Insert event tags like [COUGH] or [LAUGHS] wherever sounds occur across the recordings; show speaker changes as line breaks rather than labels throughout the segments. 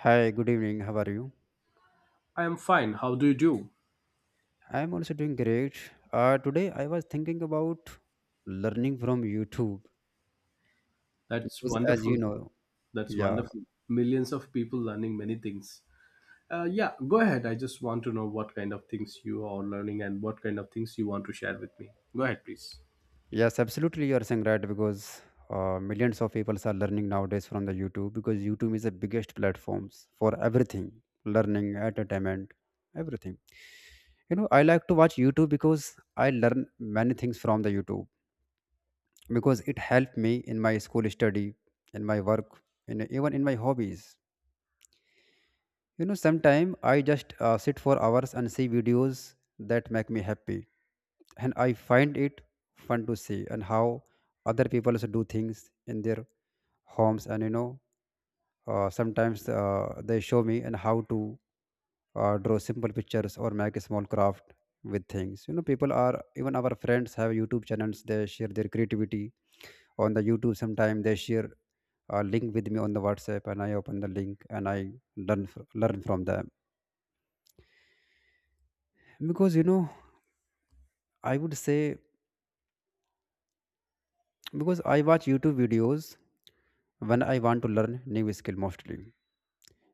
Hi, good evening. How are you?
I am fine. How do you do?
I'm also doing great. Today I was thinking about learning from YouTube
That's
because, as you
wonderful.
know,
That's
yeah,
wonderful. Millions of people learning many things. Yeah, Go ahead. I just want to know what kind of things you are learning and what kind of things you want to share with me. Go ahead, please.
yes, absolutely, you are saying right because millions of people are learning nowadays from the YouTube because YouTube is the biggest platforms for everything, learning, entertainment, everything. You know, I like to watch YouTube because I learn many things from the YouTube because it helped me in my school study, in my work, in even in my hobbies. You know, sometimes I just sit for hours and see videos that make me happy, and I find it fun to see and how other people also do things in their homes. And you know, sometimes they show me and how to draw simple pictures or make a small craft with things. You know, people are even our friends have YouTube channels. They share their creativity on the YouTube. Sometimes they share a link with me on the WhatsApp, and I open the link and I learn from them because you know I would say because I watch YouTube videos when I want to learn new skill mostly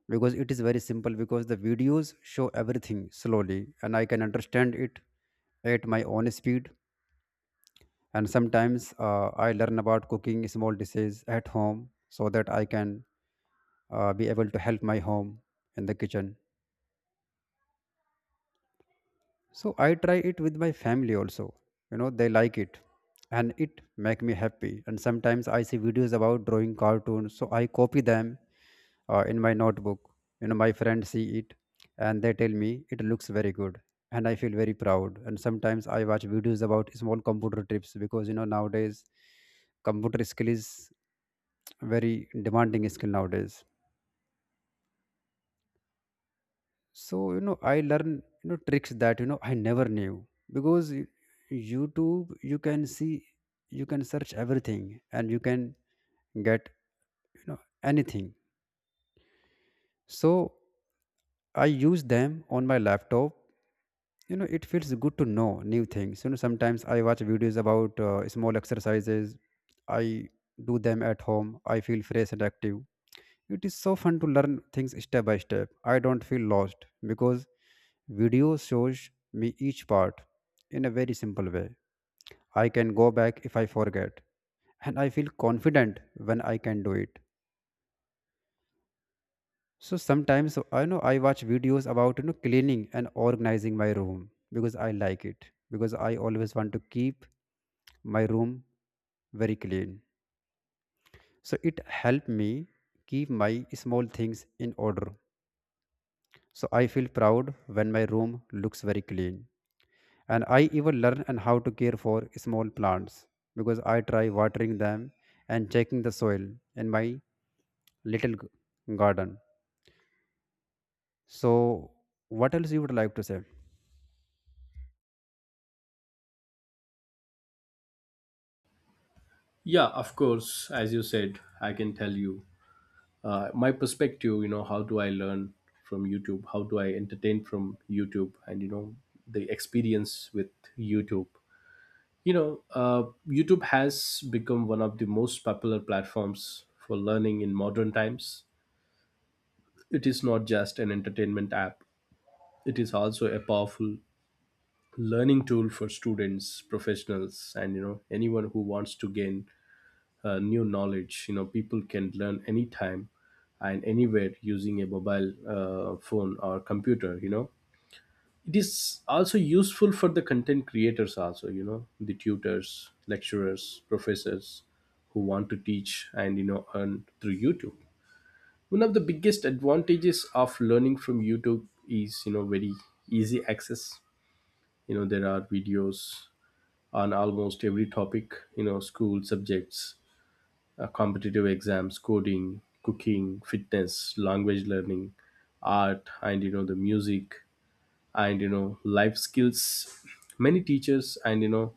because it is very simple because the videos show everything slowly and I can understand it at my own speed, and sometimes I learn about cooking small dishes at home so that I can be able to help my home in the kitchen, so I try it with my family also, you know they like it and it make me happy. And sometimes I see videos about drawing cartoons so I copy them in my notebook. You know, my friends see it and they tell me it looks very good, and I feel very proud. And sometimes I watch videos about small computer trips because you know nowadays computer skill is very demanding skill nowadays. So you know I learn you know tricks that you know I never knew because YouTube you can see, you can search everything and you can get you know anything. So I use them on my laptop. You know, it feels good to know new things. You know, sometimes I watch videos about small exercises. I do them at home, I feel fresh and active. It is so fun to learn things step by step. I don't feel lost because video shows me each part in a very simple way. I can go back if I forget, and I feel confident when I can do it. So sometimes I know I watch videos about you know cleaning and organizing my room because I like it, because I always want to keep my room very clean. So it helped me keep my small things in order. So I feel proud when my room looks very clean. And I even learn and how to care for small plants because I try watering them and checking the soil in my garden. So what else you would like to say?
Yeah, of course. As you said, I can tell you my perspective. You know, how do I learn from YouTube? How do I entertain from YouTube? And you know, the experience with YouTube. you know uh, youtube has become one of the most popular platforms for learning in modern times. It is not just an entertainment app, it is also a powerful learning tool for students, professionals, and you know, anyone who wants to gain new knowledge. You know, people can learn anytime and anywhere using a mobile phone or computer. You know, it is also useful for the content creators also, you know, the tutors, lecturers, professors who want to teach and you know, earn through YouTube. One of the biggest advantages of learning from YouTube is, you know, very easy access. You know, there are videos on almost every topic, you know, school subjects, competitive exams, coding, cooking, fitness, language learning, art, and you know, the music, and you know, life skills. Many teachers and you know,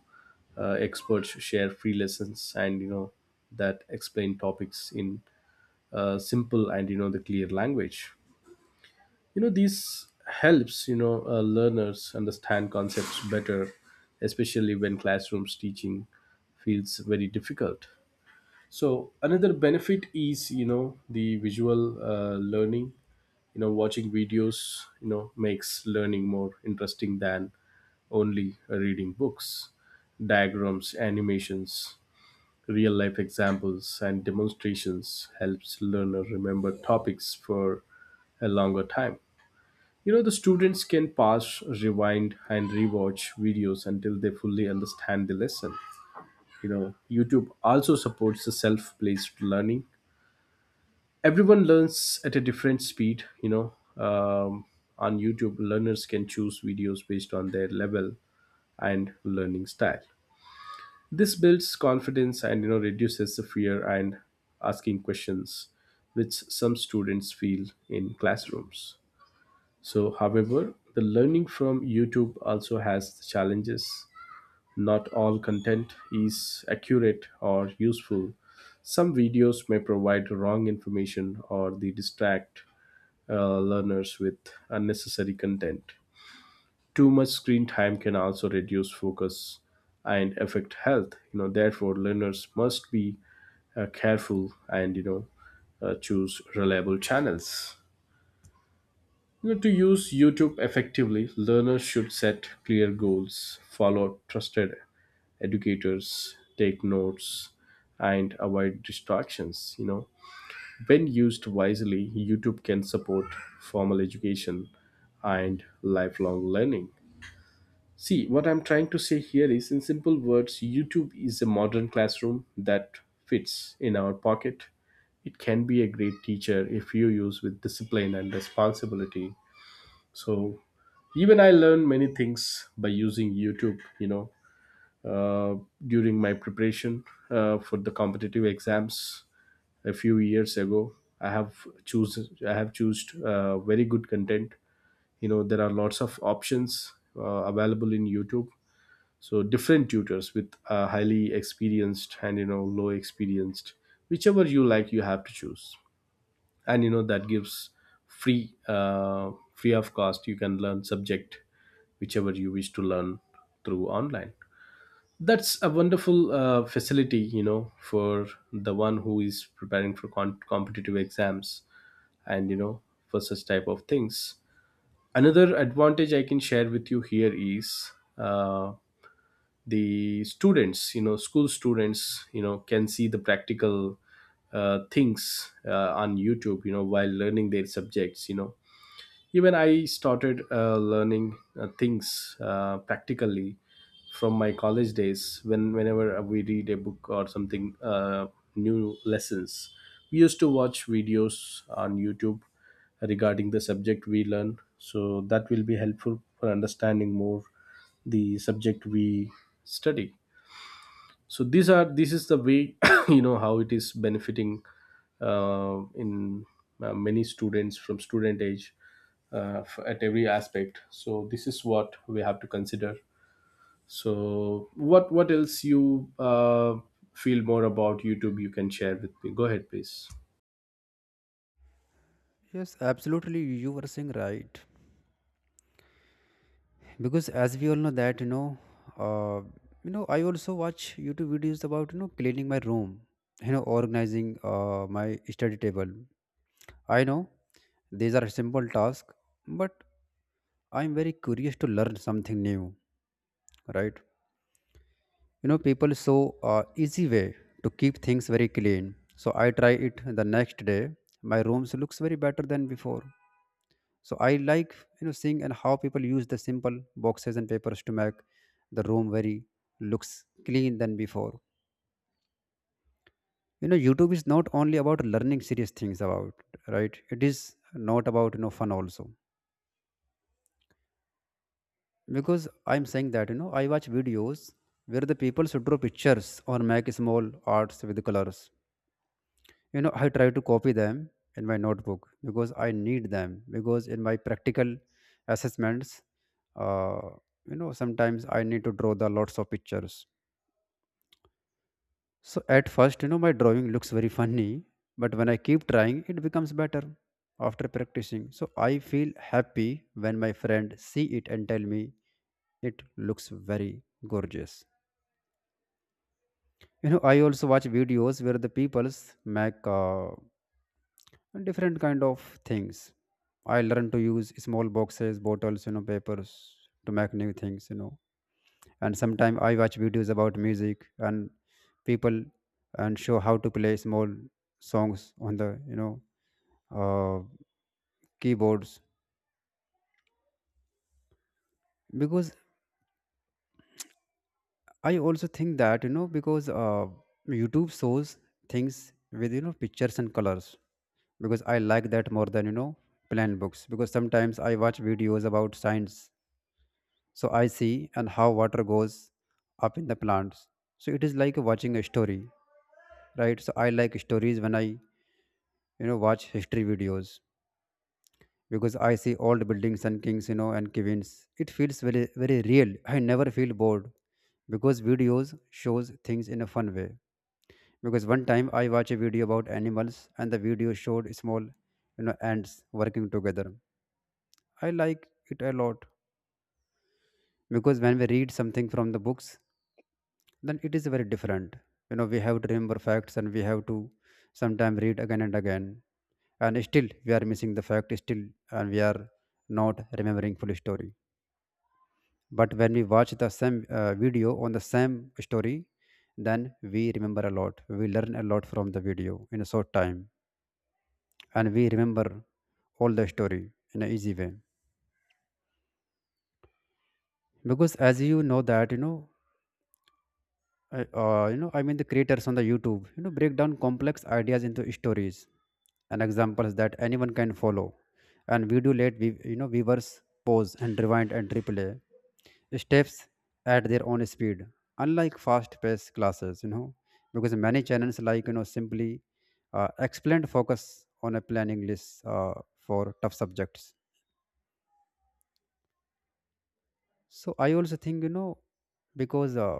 experts share free lessons and you know, that explain topics in simple and you know, the clear language. You know, this helps you know, learners understand concepts better, especially when classrooms teaching feels very difficult. So another benefit is, you know, the visual learning. You know, watching videos you know, makes learning more interesting than only reading books. Diagrams, animations, real life examples, and demonstrations helps learner remember topics for a longer time. You know, the students can pause, rewind, and rewatch videos until they fully understand the lesson. You know, YouTube also supports the self-paced learning. Everyone learns at a different speed, you know. On YouTube, learners can choose videos based on their level and learning style. This builds confidence and you know, reduces the fear and asking questions, which some students feel in classrooms. So however, the learning from YouTube also has the challenges. Not all content is accurate or useful. Some videos may provide wrong information or they distract learners with unnecessary content. Too much screen time can also reduce focus and affect health. You know, therefore, learners must be careful and you know, choose reliable channels. You know, to use YouTube effectively, learners should set clear goals, follow trusted educators, take notes, and avoid distractions. You know, when used wisely, YouTube can support formal education and lifelong learning. See, what I'm trying to say here is, in simple words, YouTube is a modern classroom that fits in our pocket. It can be a great teacher if you use with discipline and responsibility. So, even I learned many things by using YouTube, you know, during my preparation for the competitive exams a few years ago. I have choose I have choose very good content. You know, there are lots of options available in YouTube. So different tutors with highly experienced and you know, low experienced, whichever you like, you have to choose. And you know, that gives free of cost. You can learn subject whichever you wish to learn through online. That's a wonderful facility, you know, for the one who is preparing for competitive exams and you know, for such type of things. Another advantage I can share with you here is uh, the students, you know, school students, you know, can see the practical things on YouTube, you know, while learning their subjects. You know, even I started learning things practically from my college days. Whenever we read a book or something new lessons, we used to watch videos on YouTube regarding the subject we learn, so that will be helpful for understanding more the subject we study. So these are this is the way [COUGHS] you know, how it is benefiting in many students from student age at every aspect. So this is what we have to consider. So what else you feel more about YouTube, you can share with me. Go ahead, please.
Yes, absolutely you were saying right, because as we all know that you know uh, you know I also watch YouTube videos about you know cleaning my room, you know organizing my study table. I know these are simple tasks, but I'm very curious to learn something new, right? You know people show easy way to keep things very clean, so I try it the next day. My rooms looks very better than before. So I like you know seeing and how people use the simple boxes and papers to make the room very looks clean than before. You know YouTube is not only about learning serious things about right, it is not about you know fun also, because I'm saying that you know I watch videos where the people should draw pictures or make small arts with colors. You know I try to copy them in my notebook because I need them, because in my practical assessments, uh, you know sometimes I need to draw the lots of pictures. So at first you know my drawing looks very funny, but when I keep trying it becomes better after practicing, so I feel happy when my friend see it and tell me it looks very gorgeous. You know I also watch videos where the peoples make and different kind of things. I learned to use small boxes, bottles, you know, papers to make new things, you know. And sometimes I watch videos about music and people and show how to play small songs on the, you know, uh, keyboards. Because I also think that, you know, because YouTube shows things with, you know, pictures and colors, because I like that more than you know plain books, because sometimes I watch videos about science. So I see and how water goes up in the plants. So it is like watching a story, right? So I like stories. When I, you know, watch history videos because I see old buildings and kings, you know, and queens, it feels very, very real. I never feel bored because videos shows things in a fun way. Because one time I watched a video about animals and the video showed small, you know, ants working together. I like it a lot because when we read something from the books then it is very different. You know we have to remember facts and we have to sometime read again and again, and still we are missing the fact still, and we are not remembering full story. But when we watch the same video on the same story, then we remember a lot. We learn a lot from the video in a short time and we remember all the story in an easy way. Because as you know that you know I mean the creators on the YouTube, you know, break down complex ideas into stories and examples that anyone can follow. And we do let, you know, viewers pause and rewind and replay steps at their own speed, unlike fast-paced classes, you know, because many channels like, you know, simply explained focus on a planning list for tough subjects. So I also think, you know, because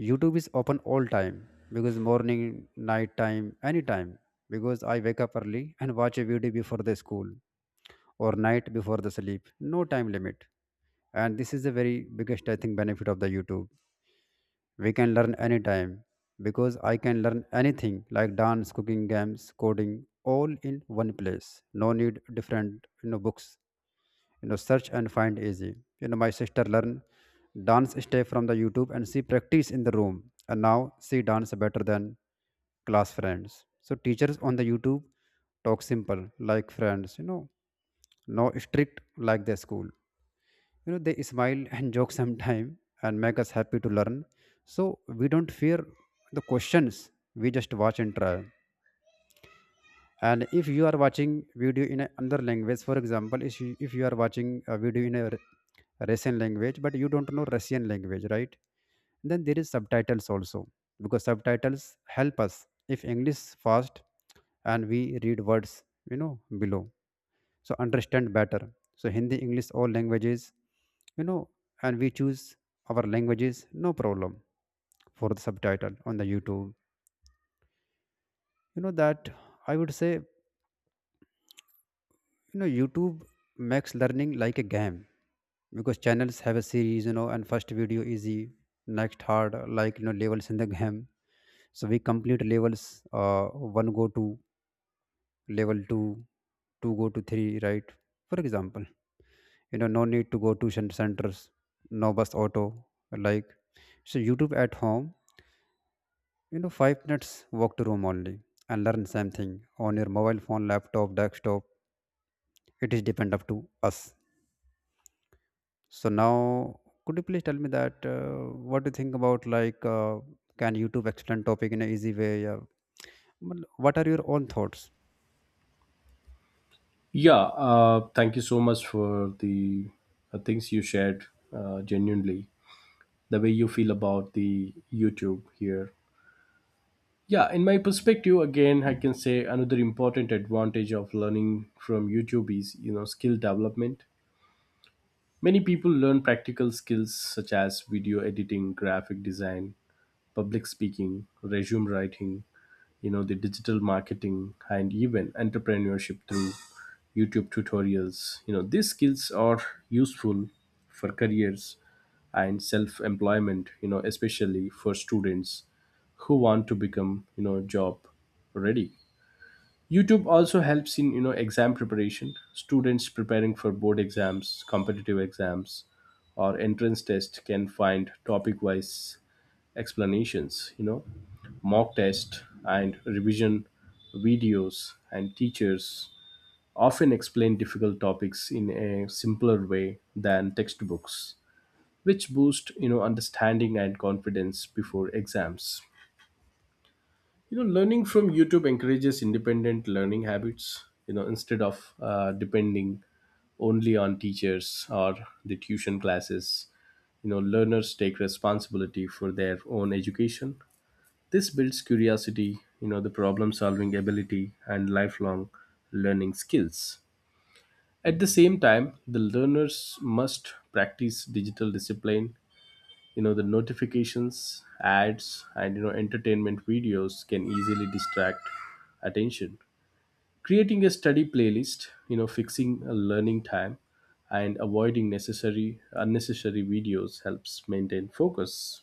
YouTube is open all time because morning, night time, anytime. Because I wake up early and watch a video before the school or night before the sleep. No time limit. And this is the very biggest I think benefit of the YouTube. We can learn anytime because I can learn anything like dance, cooking, games, coding, all in one place. No need different you know books, you know search and find easy. You know my sister learn dance step from the YouTube and she practice in the room, and now she dance better than class friends. So teachers on the YouTube talk simple like friends, you know, no strict like the school. You know they smile and [LAUGHS] joke sometime and make us happy to learn, so we don't fear the questions. We just watch and try. And if you are watching video in a another language, for example if you are watching a video in a Russian language but you don't know Russian language, right? Then there is subtitles also, because subtitles help us if English fast and we read words, you know, below, so understand better. So Hindi, English, all languages, you know, and we choose our languages, no problem for the subtitle on the YouTube. You know that I would say you know YouTube makes learning like a game because channels have a series, you know, and first video easy, next hard, like you know levels in the game. So we complete levels, uh one go to level two, two go to three, right? For example, you know, no need to go to centers, no bus, auto, like, so YouTube at home, you know, 5 minutes walk to room only, and learn same thing on your mobile phone, laptop, desktop. It is depend up to us. So now, could you please tell me that what do you think about like can YouTube explain topic in an easy way? Yeah. Well, what are your own thoughts?
Yeah, thank you so much for the things you shared, genuinely the way you feel about the YouTube here. Yeah, in my perspective, again, I can say another important advantage of learning from YouTube is, you know, skill development. Many people learn practical skills such as video editing, graphic design, public speaking, resume writing, you know, the digital marketing, and even entrepreneurship through YouTube tutorials. You know, these skills are useful for careers and self employment, you know, especially for students who want to become, you know, job ready. YouTube also helps in, you know, exam preparation. Students preparing for board exams, competitive exams, or entrance test can find topic wise explanations, you know, mock test and revision videos, and teachers often explain difficult topics in a simpler way than textbooks, which boost you know, understanding and confidence before exams. You know, learning from YouTube encourages independent learning habits. You know, instead of depending only on teachers or the tuition classes, you know, learners take responsibility for their own education. This builds curiosity, you know, the problem solving ability, and lifelong learning skills. At the same time, the learners must practice digital discipline. You know, the notifications, ads, and you know, entertainment videos can easily distract attention. Creating a study playlist, you know, fixing a learning time, and avoiding necessary unnecessary videos helps maintain focus.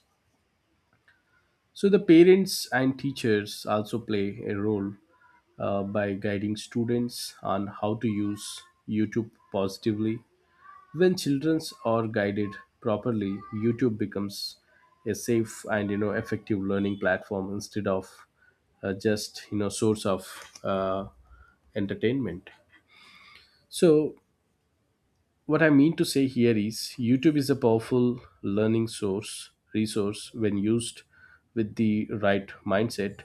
So the parents and teachers also play a role by guiding students on how to use YouTube positively. When children are guided properly, YouTube becomes a safe and you know, effective learning platform instead of just you know, source of uh, entertainment. So what I mean to say here is, YouTube is a powerful learning source resource when used with the right mindset.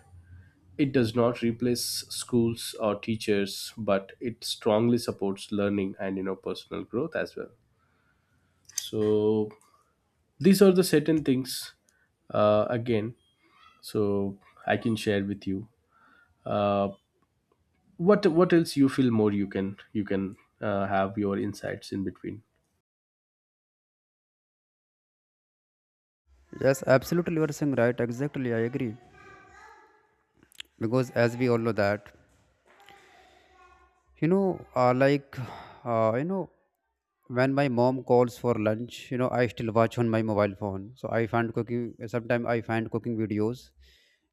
It does not replace schools or teachers, but it strongly supports learning and you know, personal growth as well. So these are the certain things again. So I can share with you. Uh, what else you feel more, you can have your insights in between.
Yes, absolutely, you are saying right. Exactly, I agree. Because as we all know that, you know, like uh, you know, when my mom calls for lunch, you know, I still watch on my mobile phone. So I find cooking. Sometimes I find cooking videos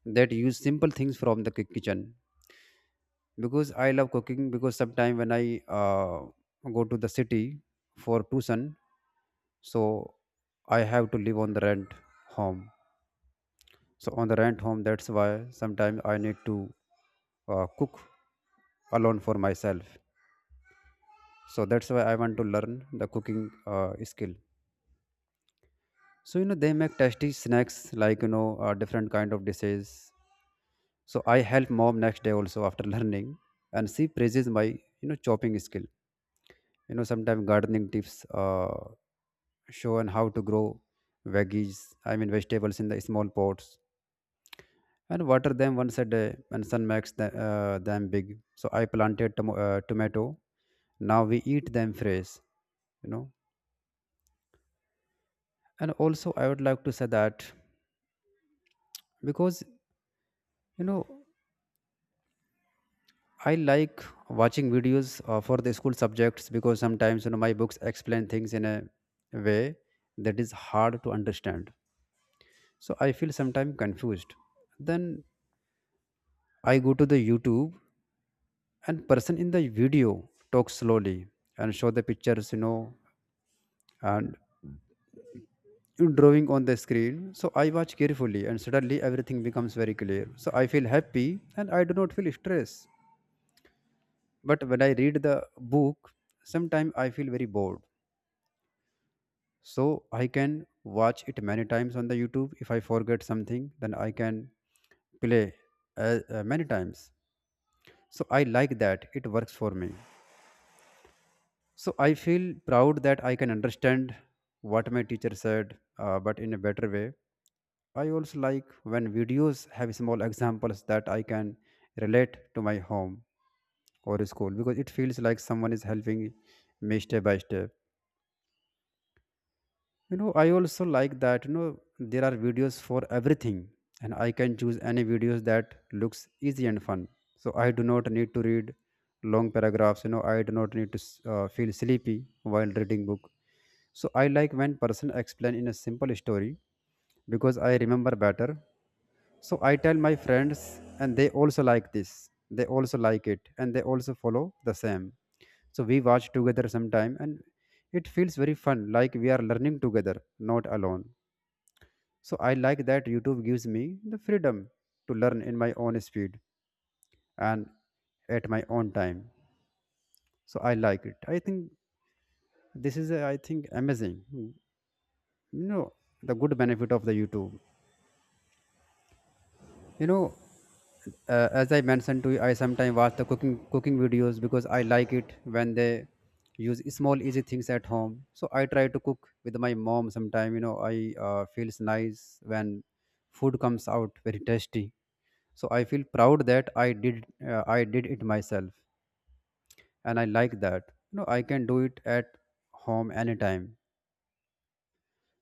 that use simple things from the kitchen because I love cooking. Because sometime when I go to the city for tuition, so I have to live on the rent home. So on the rent home, that's why sometimes I need to cook alone for myself. So that's why I want to learn the cooking skill. So you know they make tasty snacks, like, you know, different kind of dishes. So I help mom next day also after [LAUGHS] learning, and she praises my, you know, chopping skill. You know, sometimes gardening tips, shown how to grow veggies, I mean vegetables in the small pots and water them once a day, and sun makes the, them big. So I planted tomato. Now we eat them fresh, you know. And also I would like to say that because, you know, I like watching videos for the school subjects because sometimes, you know, my books explain things in a way that is hard to understand. So I feel sometimes confused. Then I go to the YouTube, and person in the video talks slowly and show the pictures, you know, and drawing on the screen. So I watch carefully and suddenly everything becomes very clear, so I feel happy and I do not feel stress. But when I read the book sometimes I feel very bored. So I can watch it many times on the YouTube. If I forget something, then I can play many times. So I like that it works for me. So I feel proud that I can understand what my teacher said, but in a better way. I also like when videos have small examples that I can relate to my home or school, because it feels like someone is helping me step by step. You know, I also like that, you know, there are videos for everything and I can choose any videos that looks easy and fun. So I do not need to read long paragraphs. You know, I do not need to feel sleepy while reading book. So I like when person explain in a simple story, because I remember better. So I tell my friends, and they also like this. They also like it, and they also follow the same. So we watch together sometime, and it feels very fun, like we are learning together, not alone. So I like that YouTube gives me the freedom to learn in my own speed and at my own time. So I like it. I think this is, a, I think, amazing. Hmm. You know, the good benefit of the YouTube. You know, as I mentioned to you, I sometimes watch the cooking videos because I like it when they use small easy things at home. So I try to cook with my mom sometime. You know, I feels nice when food comes out very tasty. So I feel proud that I did it myself, and I like that. You know, I can do it at home anytime.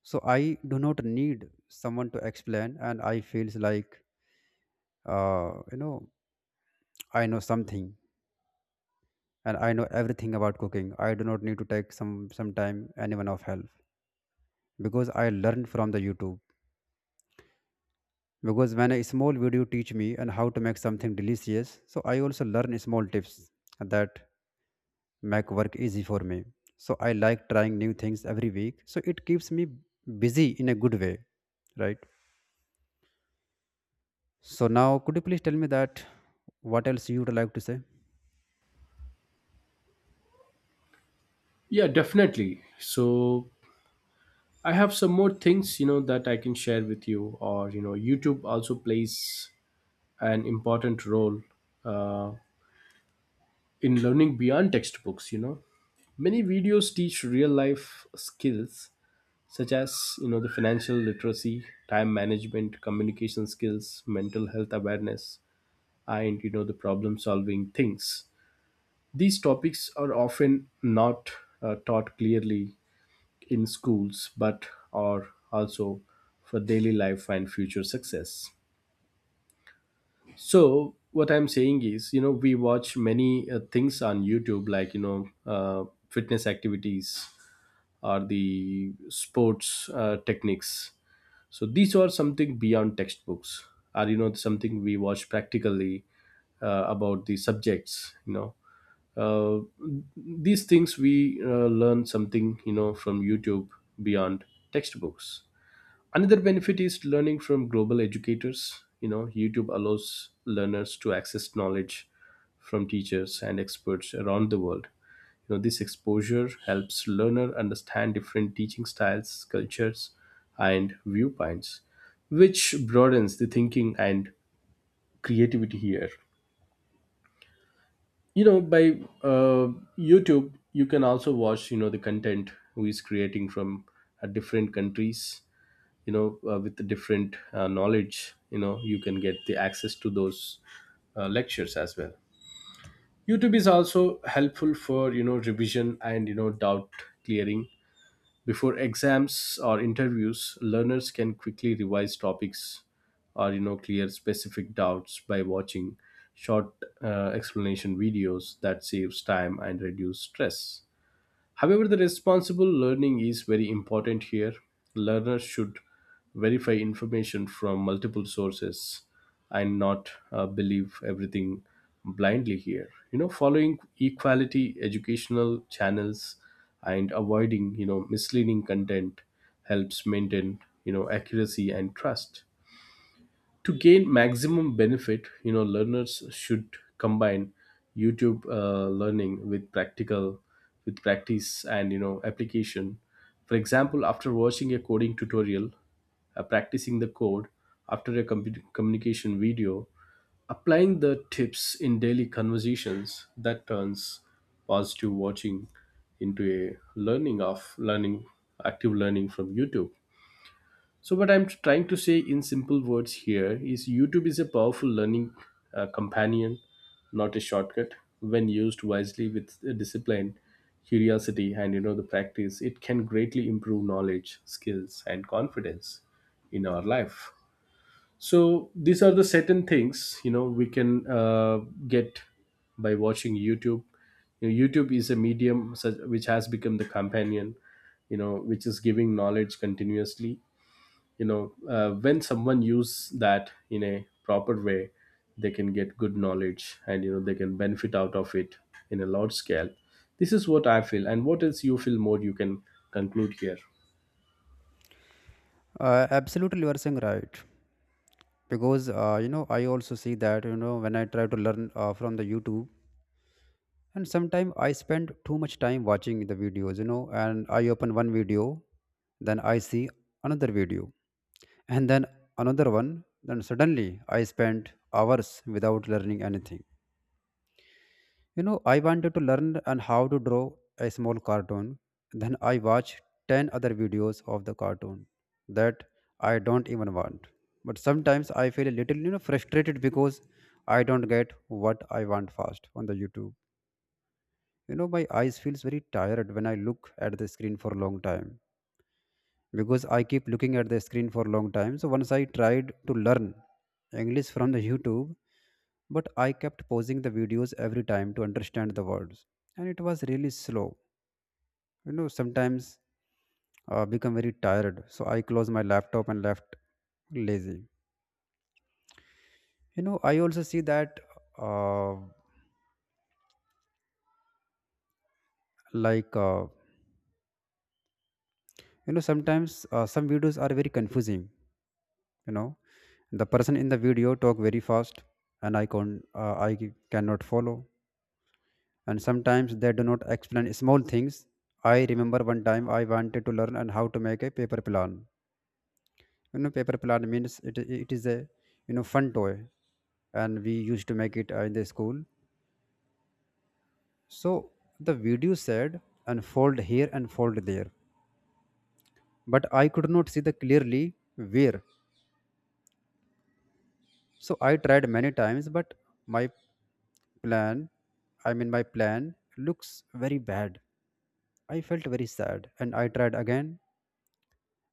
So I do not need someone to explain, and I feels like you know I know something and I know everything about cooking. I do not need to take some time anyone of help because I learned from the YouTube. Because when a small video teach me and how to make something delicious, so I also learn small tips that make work easy for me. So I like trying new things every week. So it keeps me busy in a good way, right? So now, could you please tell me that what else you would like to say?
Yeah, definitely. So I have some more things, you know, that I can share with you. Or you know, YouTube also plays an important role uh, in learning beyond textbooks. You know, many videos teach real life skills such as, you know, the financial literacy, time management, communication skills, mental health awareness, and you know, the problem solving things. These topics are often not taught clearly in schools, but are also for daily life and future success. So what I'm saying is, you know, we watch many things on YouTube, like you know, fitness activities or the sports techniques. So these are something beyond textbooks, or you know, something we watch practically about the subjects. You know, uh, these things we learn something, you know, from YouTube beyond textbooks. Another benefit is learning from global educators. You know, YouTube allows learners to access knowledge from teachers and experts around the world. You know, this exposure helps learner understand different teaching styles, cultures, and viewpoints, which broadens the thinking and creativity here. You know, by uh, YouTube, you can also watch, you know, the content who is creating from different countries. You know, with the different knowledge, you know, you can get the access to those lectures as well. YouTube is also helpful for, you know, revision and you know, doubt clearing. Before exams or interviews, learners can quickly revise topics or you know, clear specific doubts by watching short explanation videos that saves time and reduce stress. However, the responsible learning is very important here. Learners should verify information from multiple sources and not believe everything blindly here. You know, following equality educational channels and avoiding, you know, misleading content helps maintain, you know, accuracy and trust. To gain maximum benefit, you know, learners should combine YouTube learning with practical with practice and you know, application. For example, after watching a coding tutorial, practicing the code, after a compu communication video, applying the tips in daily conversations, that turns positive watching into a learning of learning active learning from YouTube. So, what I'm trying to say in simple words here is, YouTube is a powerful learning companion, not a shortcut. When used wisely with discipline, curiosity, and you know, the practice, it can greatly improve knowledge, skills, and confidence in our life. So, these are the certain things you know, we can get by watching YouTube. You know, YouTube is a medium such, which has become the companion, you know, which is giving knowledge continuously. You know, when someone use that in a proper way, they can get good knowledge and you know, they can benefit out of it in a large scale. This is what I feel, and what else you feel more, you can conclude here.
Absolutely, you are saying right because you know I also see that, you know, when I try to learn from the YouTube, and sometimes I spend too much time watching the videos, you know, and I open one video, then I see another video, and then another one, then suddenly I spent hours without learning anything. You know, I wanted to learn and how to draw a small cartoon, then I watch 10 other videos of the cartoon that I don't even want. But sometimes I feel a little, you know, frustrated because I don't get what I want fast on the YouTube. You know, my eyes feels very tired when I look at the screen for a long time, because I keep looking at the screen for a long time. So once I tried to learn English from the YouTube, but I kept pausing the videos every time to understand the words, and it was really slow. You know, sometimes become very tired, so I closed my laptop and left lazy. You know, I also see that uh, like uh, you know sometimes some videos are very confusing. You know, the person in the video talk very fast and I can cannot follow, and sometimes they do not explain small things. I remember one time I wanted to learn and how to make a paper plan. You know, paper plan means it is a, you know, fun toy, and we used to make it in the school. So the video said unfold here and fold there, but I could not see the clearly where. So I tried many times, but my plan, my plan looks very bad. I felt very sad and I tried again.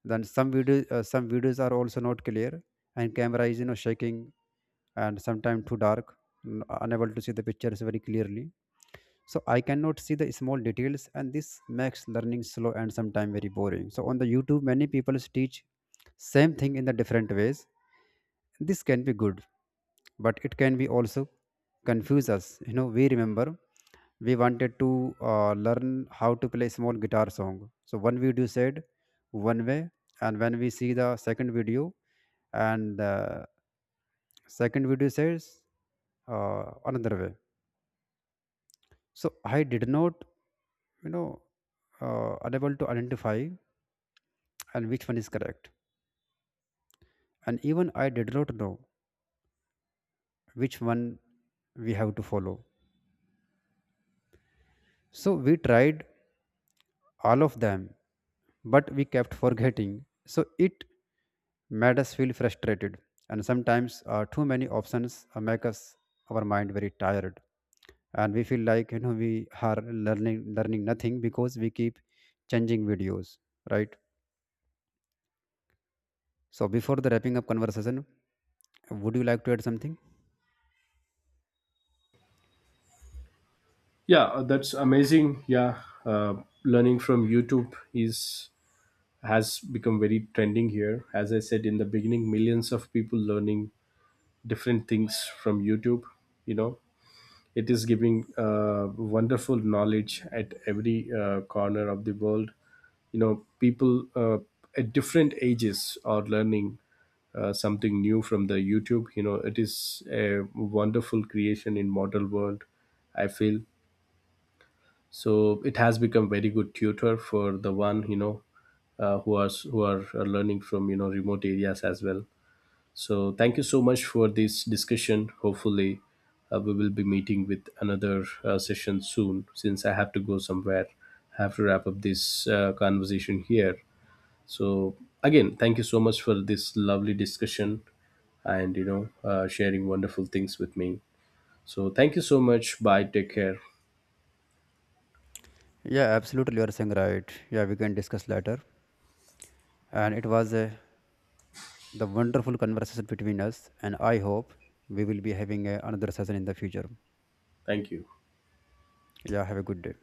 Then some videos are also not clear, and camera is, you know, shaking and sometimes too dark, unable to see the pictures very clearly. So I cannot see the small details, and this makes learning slow and sometimes very boring. So on the YouTube, many people teach same thing in the different ways. This can be good, but it can be also confuse us. You know, we remember we wanted to learn how to play small guitar song. So one video said one way, and when we see the second video, and the second video says, another way. So I did not, you know, unable to identify and which one is correct, and even I did not know which one we have to follow. So we tried all of them, but we kept forgetting. So it made us feel frustrated. And sometimes too many options make us our mind very tired, and we feel like, you know, we are learning nothing because we keep changing videos, right? So before the wrapping up conversation, would you like to add something?
Yeah, that's amazing. Yeah, learning from YouTube is has become very trending here. As I said in the beginning, millions of people learning different things from YouTube, you know. It is giving wonderful knowledge at every corner of the world. You know, people at different ages are learning something new from the YouTube. You know, it is a wonderful creation in modern world. I feel so. It has become very good tutor for the one, you know, who are learning from, you know, remote areas as well. So, thank you so much for this discussion. Hopefully, we will be meeting with another session soon, since I have to go somewhere. I have to wrap up this conversation here. So, again, thank you so much for this lovely discussion and you know, sharing wonderful things with me. So, thank you so much. Bye. Take care.
Yeah, absolutely. You are saying right. Yeah, we can discuss later. And it was the wonderful conversation between us. And I hope we will be having another session in the future.
Thank you.
Yeah, have a good day.